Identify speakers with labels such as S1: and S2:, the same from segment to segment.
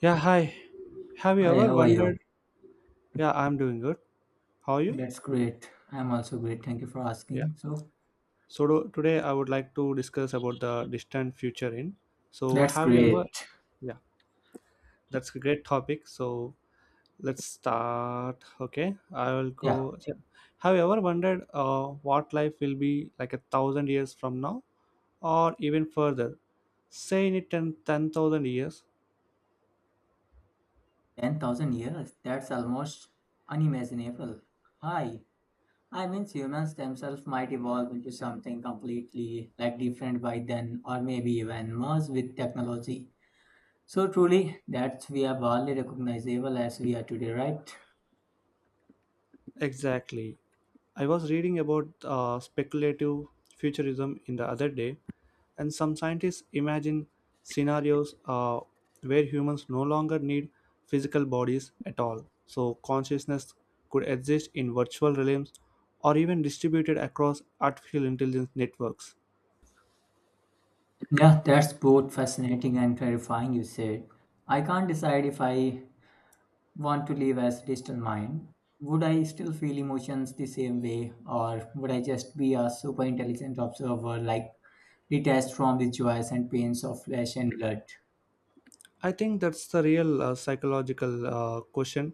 S1: Yeah, hi. Have you
S2: Hi,
S1: ever
S2: how are
S1: wondered?
S2: you?
S1: Yeah, I'm doing good. How are you?
S2: That's great. I'm also great. Thank you for
S1: Yeah.
S2: asking.
S1: Today I would like to discuss about the distant future in. So
S2: That's
S1: have you ever?
S2: great.
S1: Yeah, that's a great topic. So let's start. Okay, I will
S2: Yeah,
S1: go. Yeah. Have you ever wondered what life will be like a thousand years from now, or even further? Say in it 10 10,000 years.
S2: 10,000 years. That's almost unimaginable. Hi. Humans themselves might evolve into something completely different by then, or maybe even merge with technology. So, truly, that's we are barely recognizable as we are today, right?
S1: Exactly. I was reading about speculative futurism in the other day. And some scientists imagine scenarios where humans no longer need physical bodies at all. So, consciousness could exist in virtual realms or even distributed across artificial intelligence networks.
S2: Yeah, that's both fascinating and terrifying, you said. I can't decide if I want to live as digital mind, would I still feel emotions the same way, or would I just be a super intelligent observer, like detached from the joys and pains of flesh and blood?
S1: I think that's the real psychological question,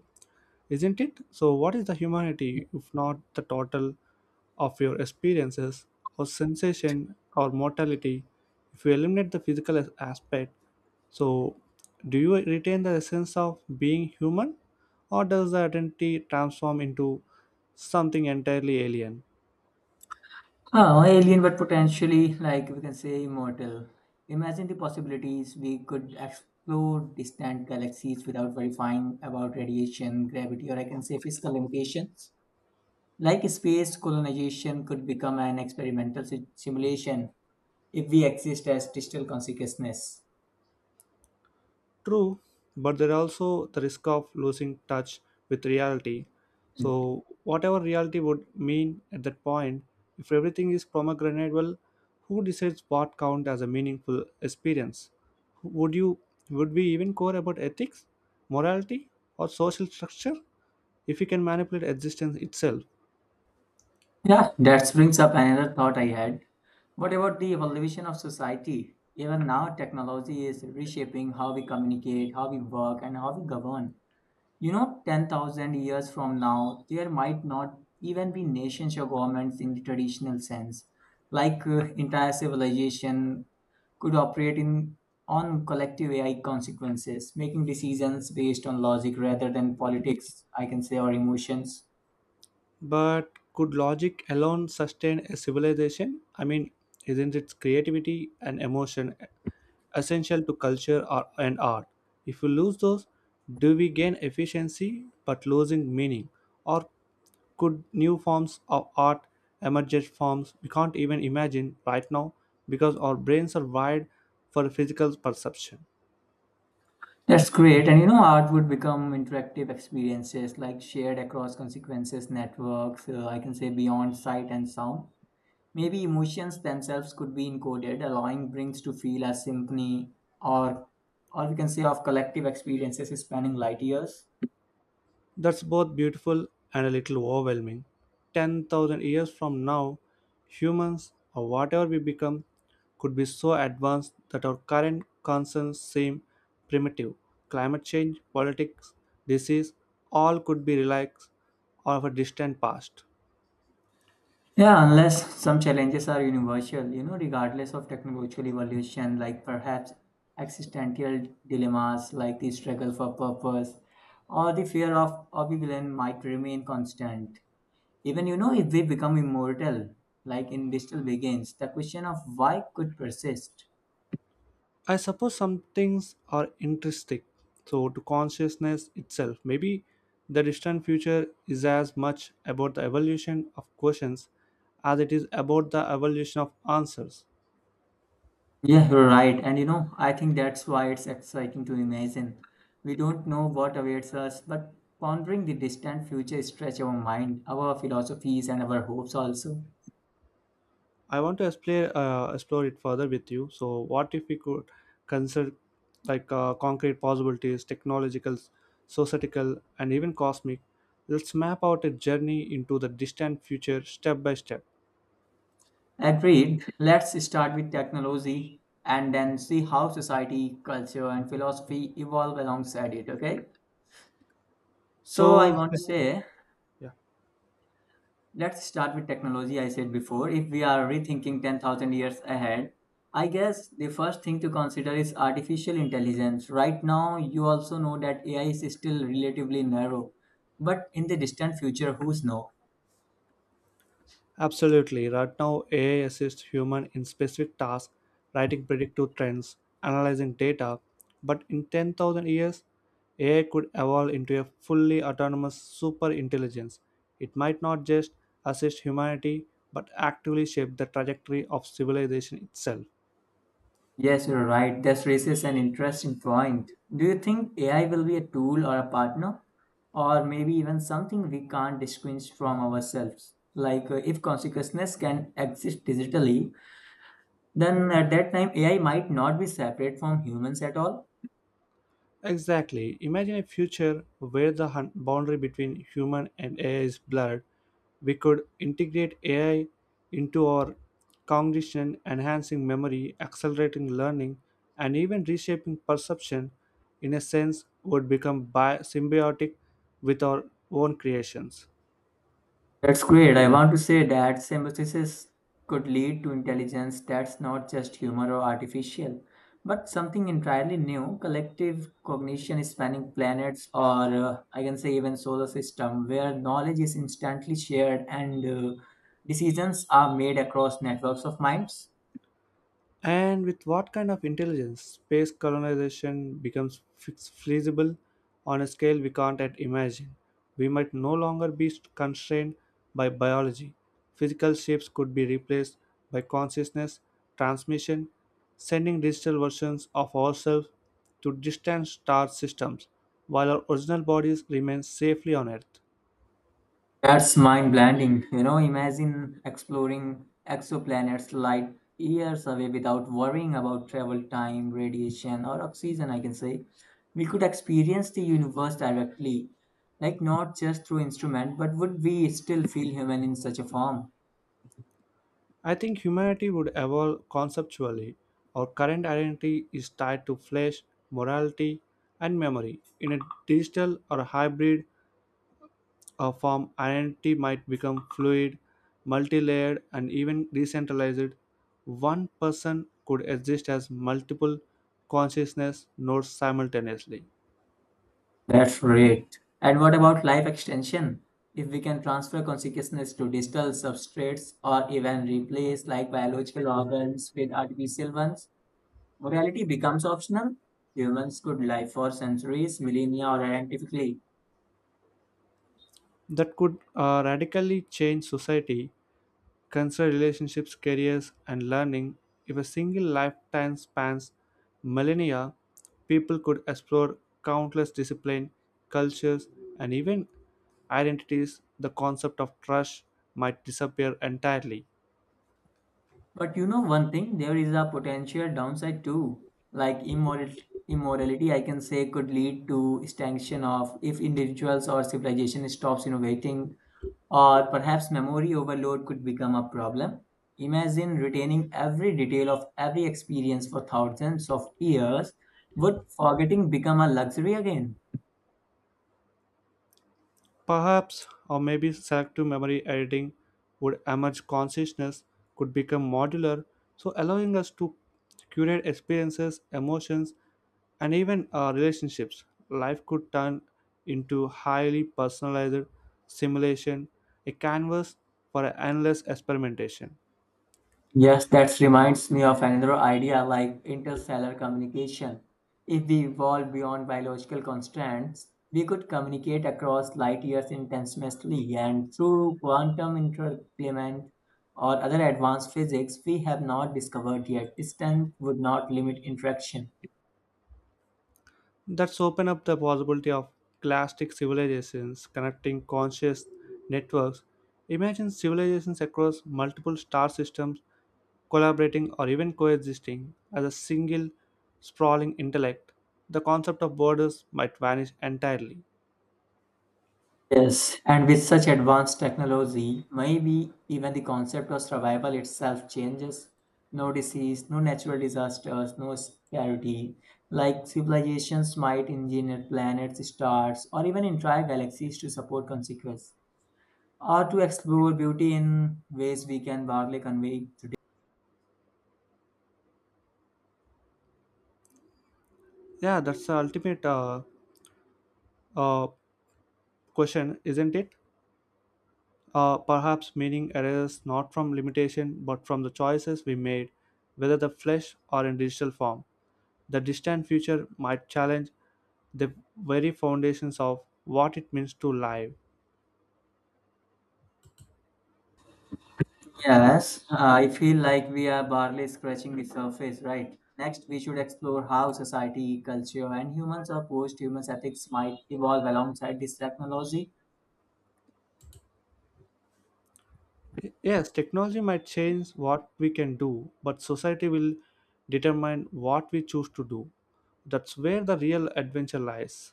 S1: isn't it? So, what is the humanity if not the total of your experiences or sensation or mortality? If you eliminate the aspect, so, do you retain the essence of being human, or does the identity transform into something entirely alien?
S2: Oh, alien, but potentially, like we can say, immortal. Imagine the possibilities we could explore distant galaxies without verifying about radiation, gravity, or I can say physical limitations. Like space colonization could become an experimental simulation if we exist as digital consciousness.
S1: True, but there are also the risk of losing touch with reality.
S2: Mm.
S1: So, whatever reality would mean at that point, if everything is pomegranate, well, who decides what count as a meaningful experience? Would you would we even care about ethics, morality, or social structure if we can manipulate existence itself?
S2: Yeah, that brings up another thought I had. What about the evolution of society? Even now, technology is reshaping how we communicate, how we work, and how we govern. You know, 10,000 years from now, there might not even be nations or governments in the traditional sense. Like entire civilization could operate in on collective AI consequences, making decisions based on logic rather than politics, I can say, or emotions.
S1: But could logic alone sustain a civilization? I mean, isn't its creativity and emotion essential to culture or, and art? If we lose those, do we gain efficiency but losing meaning? Or could new forms of art emerge forms we can't even imagine right now because our brains are wired for physical perception?
S2: That's great. And you know, art would become interactive experiences like shared across consequences, networks, I can say beyond sight and sound. Maybe emotions themselves could be encoded, allowing brains to feel a symphony or, or we can say, of collective experiences spanning light years.
S1: That's both beautiful and a little overwhelming. 10,000 years from now, humans, or whatever we become, could be so advanced that our current concerns seem primitive. Climate change, politics, disease, all could be relics of a distant past.
S2: Yeah, unless some challenges are universal, you know, regardless of technological evolution, like perhaps existential dilemmas like the struggle for purpose or the fear of oblivion might remain constant. Even you know if we become immortal, like in Digital Begins, the question of why could persist.
S1: I suppose some things are intrinsic, so to consciousness itself. Maybe the distant future is as much about the evolution of questions as it is about the evolution of answers.
S2: Yeah, you're right. And you know, I think that's why it's exciting to imagine. We don't know what awaits us, but pondering the distant future stretch our mind, our philosophies, and our hopes also.
S1: I want to explore it further with you. So, what if we could consider like concrete possibilities, technological, societal, and even cosmic? Let's map out a journey into the distant future step by step.
S2: Agreed. Let's start with technology and then see how society, culture, and philosophy evolve alongside it, okay? So I
S1: So,
S2: want
S1: yeah.
S2: to say Let's start with technology. I said before, if we are rethinking 10,000 years ahead, I guess the first thing to consider is artificial intelligence. Right now, you also know that AI is still relatively narrow, but in the distant future, who's know?
S1: Absolutely. Right now, AI assists human in specific tasks, writing predictive trends, analyzing data. But in 10,000 years, AI could evolve into a fully autonomous super intelligence. It might not just assist humanity, but actively shape the trajectory of civilization itself.
S2: Yes, you're right. This raises an interesting point. Do you think AI will be a tool or a partner, or maybe even something we can't distinguish from ourselves? If consciousness can exist digitally, then at that time AI might not be separate from humans at all.
S1: Exactly. Imagine a future where the boundary between human and AI is blurred, we could integrate AI into our cognition, enhancing memory, accelerating learning, and even reshaping perception in a sense would become symbiotic with our own creations.
S2: That's great. I want to say that symbiosis could lead to intelligence that's not just human or artificial, but something entirely new, collective cognition spanning planets or I can say even solar system, where knowledge is instantly shared and decisions are made across networks of minds.
S1: And with what kind of intelligence space colonization becomes feasible on a scale we can't yet imagine? We might no longer be constrained by biology. Physical shapes could be replaced by consciousness transmission, sending digital versions of ourselves to distant star systems while our original bodies remain safely on Earth.
S2: That's mind-blending. You know, imagine exploring exoplanets light years away without worrying about travel time, radiation, or oxygen, I can say. We could experience the universe directly, like not just through instrument, but would we still feel human in such a form?
S1: I think humanity would evolve conceptually. Our current identity is tied to flesh, morality, and memory. In a digital or hybrid form, identity might become fluid, multi layered, and even decentralized. One person could exist as multiple consciousness nodes simultaneously.
S2: That's great. And what about life extension? If we can transfer consciousness to digital substrates or even replace like biological organs with artificial ones, morality becomes optional. Humans could live for centuries, millennia, or identically.
S1: That could radically change society. Consider relationships, careers, and learning. If a single lifetime spans millennia, people could explore countless disciplines, cultures, and even identities. The concept of trust might disappear entirely.
S2: But you know one thing, there is a potential downside too. Like immorality, I can say, could lead to extinction of if individuals or civilization stops innovating, or perhaps memory overload could become a problem. Imagine retaining every detail of every experience for thousands of years. Would forgetting become a luxury again?
S1: Perhaps, or maybe selective memory editing would emerge consciousness could become modular, so allowing us to curate experiences, emotions, and even relationships. Life could turn into highly personalized simulation, a canvas for endless experimentation.
S2: Yes, that reminds me of another idea like interstellar communication. If we evolve beyond biological constraints, we could communicate across light years instantaneously and through quantum entanglement or other advanced physics we have not discovered yet. Distance would not limit interaction.
S1: That's open up the possibility of classic civilizations connecting conscious networks. Imagine civilizations across multiple star systems collaborating or even coexisting as a single sprawling intellect. The concept of borders might vanish entirely.
S2: Yes, and with such advanced technology, maybe even the concept of survival itself changes. No disease, no natural disasters, no scarcity. Like civilizations might engineer planets, stars, or even entire galaxies to support consequence or to explore beauty in ways we can barely convey today.
S1: Yeah, that's the ultimate uh, question, isn't it? Perhaps meaning arises not from limitation but from the choices we made, whether the flesh or in digital form. The distant future might challenge the very foundations of what it means to live.
S2: Yes, I feel like we are barely scratching the surface, right? Next, we should explore how society, culture, and humans or post humans ethics might evolve alongside this technology.
S1: Yes, technology might change what we can do, but society will determine what we choose to do. That's where the real adventure lies.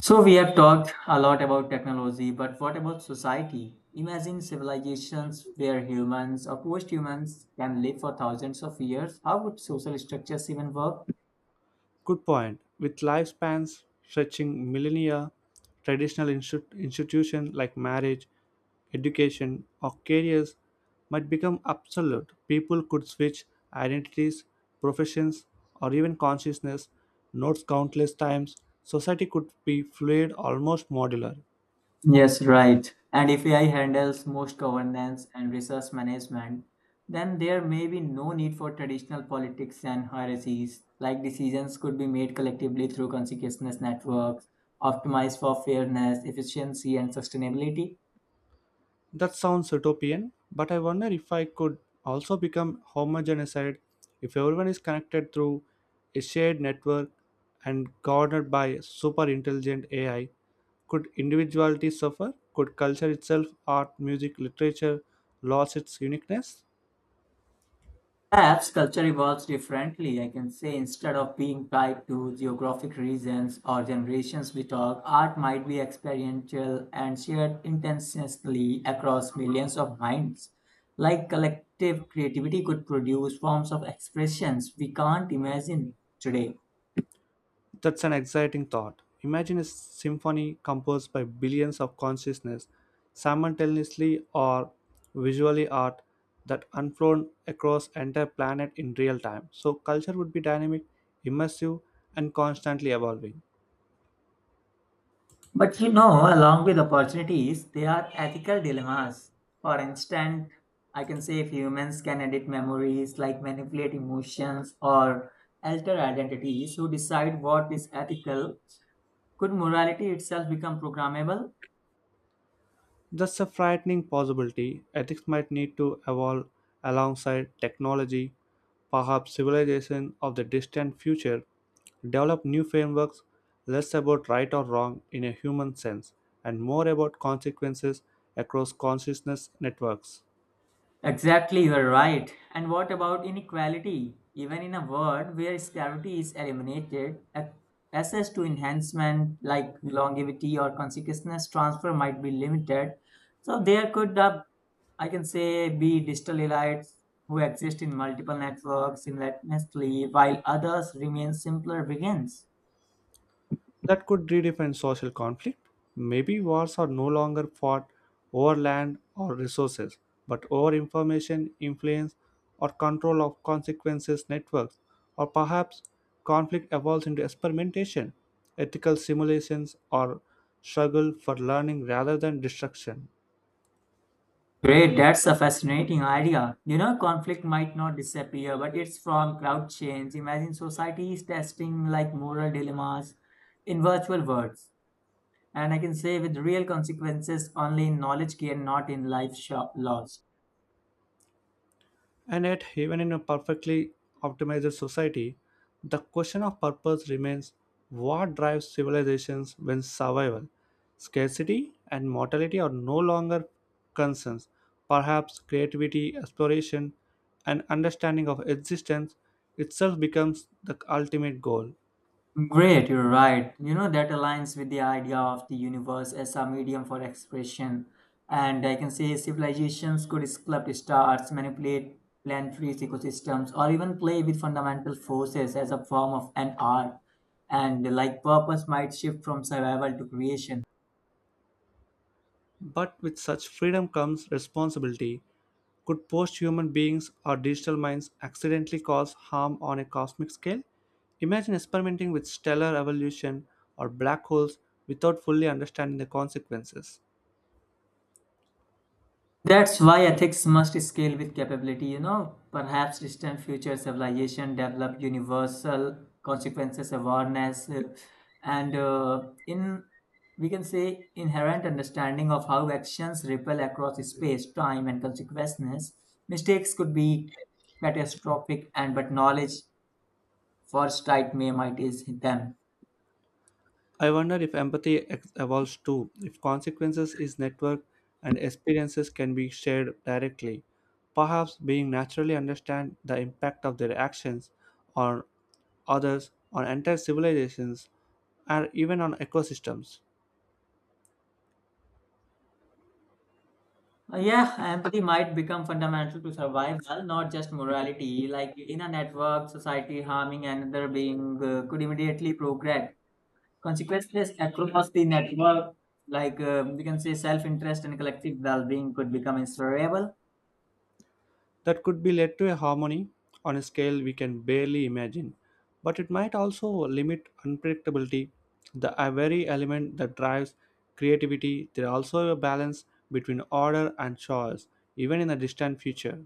S2: So, we have talked a lot about technology, but what about society? Imagine civilizations where humans or post humans can live for thousands of years. How would social structures even work?
S1: Good point. With lifespans stretching millennia, traditional institutions like marriage, education, or careers might become obsolete. People could switch identities, professions, or even consciousness notes countless times. Society could be fluid, almost modular.
S2: Yes, right. And if AI handles most governance and resource management, then there may be no need for traditional politics and hierarchies. Like decisions could be made collectively through consciousness networks, optimized for fairness, efficiency, and sustainability.
S1: That sounds utopian, but I wonder if I could also become homogenicide if everyone is connected through a shared network and governed by super intelligent AI. Could individuality suffer? Could culture itself, art, music, literature, lose its uniqueness?
S2: Perhaps culture evolves differently, I can say. Instead of being tied to geographic regions or generations, we talk, art might be experiential and shared intensely across millions of minds. Like collective creativity could produce forms of expressions we can't imagine today.
S1: That's an exciting thought. Imagine a symphony composed by billions of consciousness simultaneously or visually art that unfold across entire planet in real time. So culture would be dynamic, immersive and constantly evolving.
S2: But you know, along with opportunities, there are ethical dilemmas. For instance, I can say if humans can edit memories, like manipulate emotions or alter identities, who decide what is ethical? Could morality itself become programmable?
S1: That's a frightening possibility. Ethics might need to evolve alongside technology. Perhaps civilization of the distant future develop new frameworks less about right or wrong in a human sense and more about consequences across consciousness networks.
S2: Exactly, you are right. And what about inequality? Even in a world where scarcity is eliminated, access to enhancement like longevity or consciousness transfer might be limited. So there could I can say be digital elites who exist in multiple networks simultaneously while others remain simpler begins.
S1: That could redefine social conflict. Maybe wars are no longer fought over land or resources, but over information, influence, or control of consequences networks. Or perhaps conflict evolves into experimentation, ethical simulations, or struggle for learning rather than destruction.
S2: Great, that's a fascinating idea. You know, conflict might not disappear, but it's from crowd change. Imagine societies testing like moral dilemmas in virtual worlds. And I can say with real consequences only in knowledge gained, not in life shop lost.
S1: And yet, even in a perfectly optimized society, the question of purpose remains what drives civilizations when survival, scarcity, and mortality are no longer concerns. Perhaps creativity, exploration, and understanding of existence itself becomes the ultimate goal.
S2: Great, you're right. You know, that aligns with the idea of the universe as a medium for expression. And I can say civilizations could sculpt stars, manipulate planetary ecosystems, or even play with fundamental forces as a form of an art. And like purpose might shift from survival to creation.
S1: But with such freedom comes responsibility. Could post human beings or digital minds accidentally cause harm on a cosmic scale? Imagine experimenting with stellar evolution or black holes without fully understanding the consequences.
S2: That's why ethics must scale with capability, you know. Perhaps distant future civilization develop universal consequences awareness and in we can say inherent understanding of how actions ripple across space, time, and consequences. Mistakes could be catastrophic, and but knowledge foresight may mitigate them.
S1: I wonder if empathy evolves too, if consequences is networked and experiences can be shared directly, perhaps being naturally understand the impact of their actions on others, on entire civilizations, or even on ecosystems.
S2: Yeah, empathy might become fundamental to survival, not just morality. Like in a network, society harming another being could immediately progress. Consequences across the network, like we can say self interest and collective well being, could become inseparable.
S1: That could be led to a harmony on a scale we can barely imagine. But it might also limit unpredictability, the a very element that drives creativity. There are also a balance between order and choice, even in the distant future.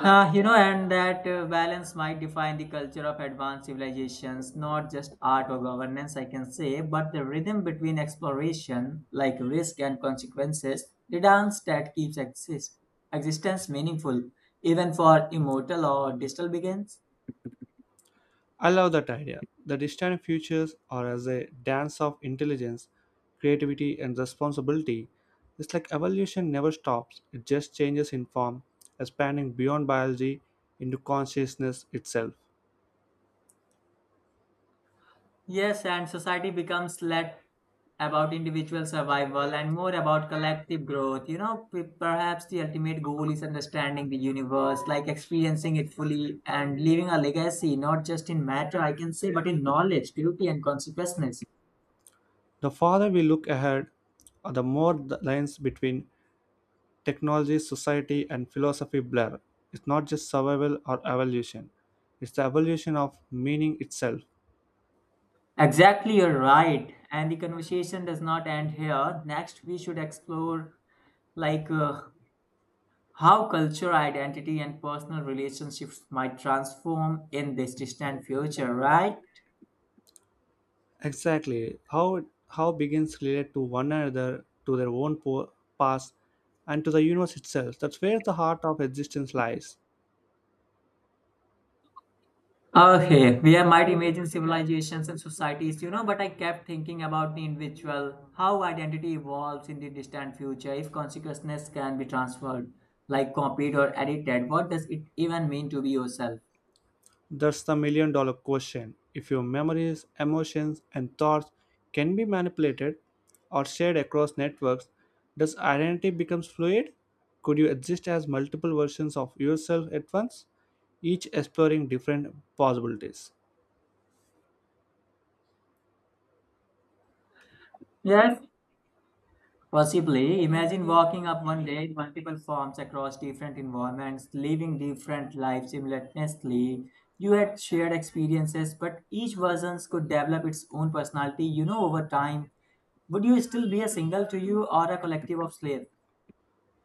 S2: You know, and that balance might define the culture of advanced civilizations, not just art or governance, I can say, but the rhythm between exploration, like risk and consequences, the dance that keeps existence meaningful, even for immortal or digital beings.
S1: I love that idea. The distant futures are as a dance of intelligence, creativity, and responsibility. It's like evolution never stops, it just changes in form, expanding beyond biology into consciousness itself.
S2: Yes, and society becomes less about individual survival and more about collective growth. You know, perhaps the ultimate goal is understanding the universe, like experiencing it fully and leaving a legacy, not just in matter, I can say, but in knowledge, beauty, and consciousness.
S1: The farther we look ahead, the more the lines between technology, society, and philosophy blur. It's not just survival or evolution, it's the evolution of meaning itself.
S2: Exactly, you're right. And the conversation does not end here. Next, we should explore like how culture, identity, and personal relationships might transform in this distant future, right?
S1: Exactly. How begins relate to one another, to their own past, and to the universe itself. That's where the heart of existence lies.
S2: Okay, we I might imagine civilizations and societies, you know, but I kept thinking about the individual, how identity evolves in the distant future, if consciousness can be transferred, like copied or edited, what does it even mean to be yourself?
S1: That's the million dollar question. If your memories, emotions, and thoughts can be manipulated or shared across networks, does identity becomes fluid? Could you exist as multiple versions of yourself at once, each exploring different possibilities?
S2: Yes, possibly. Imagine walking up one day in multiple forms across different environments, living different lives simultaneously. You had shared experiences, but each version could develop its own personality, you know, over time. Would you still be a single to you or a collective of slaves?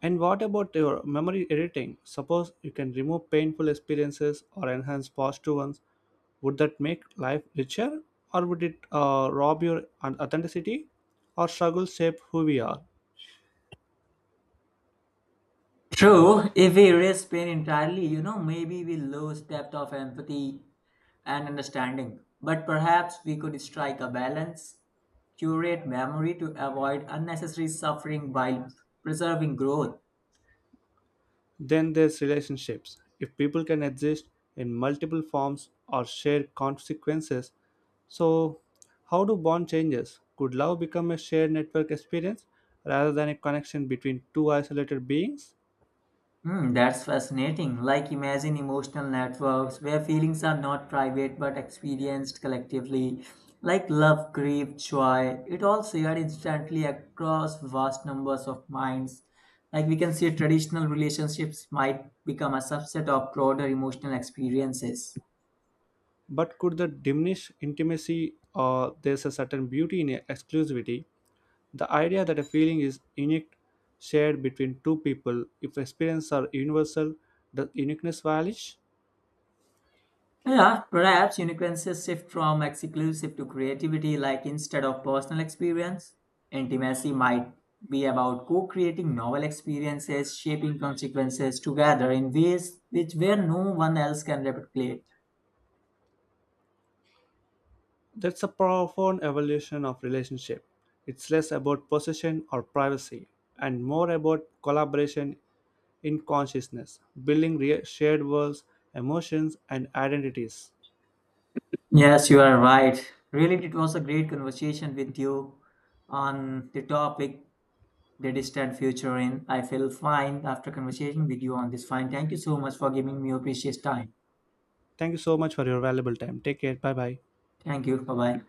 S1: And what about your memory editing? Suppose you can remove painful experiences or enhance positive ones. Would that make life richer, or would it rob your authenticity or struggle shape who we are?
S2: True, if we erase pain entirely, you know, maybe we lose depth of empathy and understanding. But perhaps we could strike a balance, curate memory to avoid unnecessary suffering while preserving growth.
S1: Then there's relationships. If people can exist in multiple forms or share consequences, so how do bond changes? Could love become a shared network experience rather than a connection between two isolated beings?
S2: Hmm, that's fascinating. Like, imagine emotional networks where feelings are not private but experienced collectively, like love, grief, joy. It all shared instantly across vast numbers of minds. Like, we can say traditional relationships might become a subset of broader emotional experiences.
S1: But could that diminish intimacy or there's a certain beauty in exclusivity? The idea that a feeling is unique shared between two people if experiences are universal, does uniqueness vanish?
S2: Yeah, perhaps uniqueness shift from exclusive to creativity, like instead of personal experience, intimacy might be about co creating novel experiences, shaping consequences together in ways which where no one else can replicate.
S1: That's a profound evolution of relationship. It's less about possession or privacy and more about collaboration in consciousness, building shared worlds, emotions, and identities.
S2: Yes, you are right. Really, it was a great conversation with you on the topic, the distant future. And I feel fine after conversation with you on this. Fine. Thank you so much for giving me your precious time.
S1: Thank you so much for your valuable time. Take care. Bye bye.
S2: Thank you. Bye bye.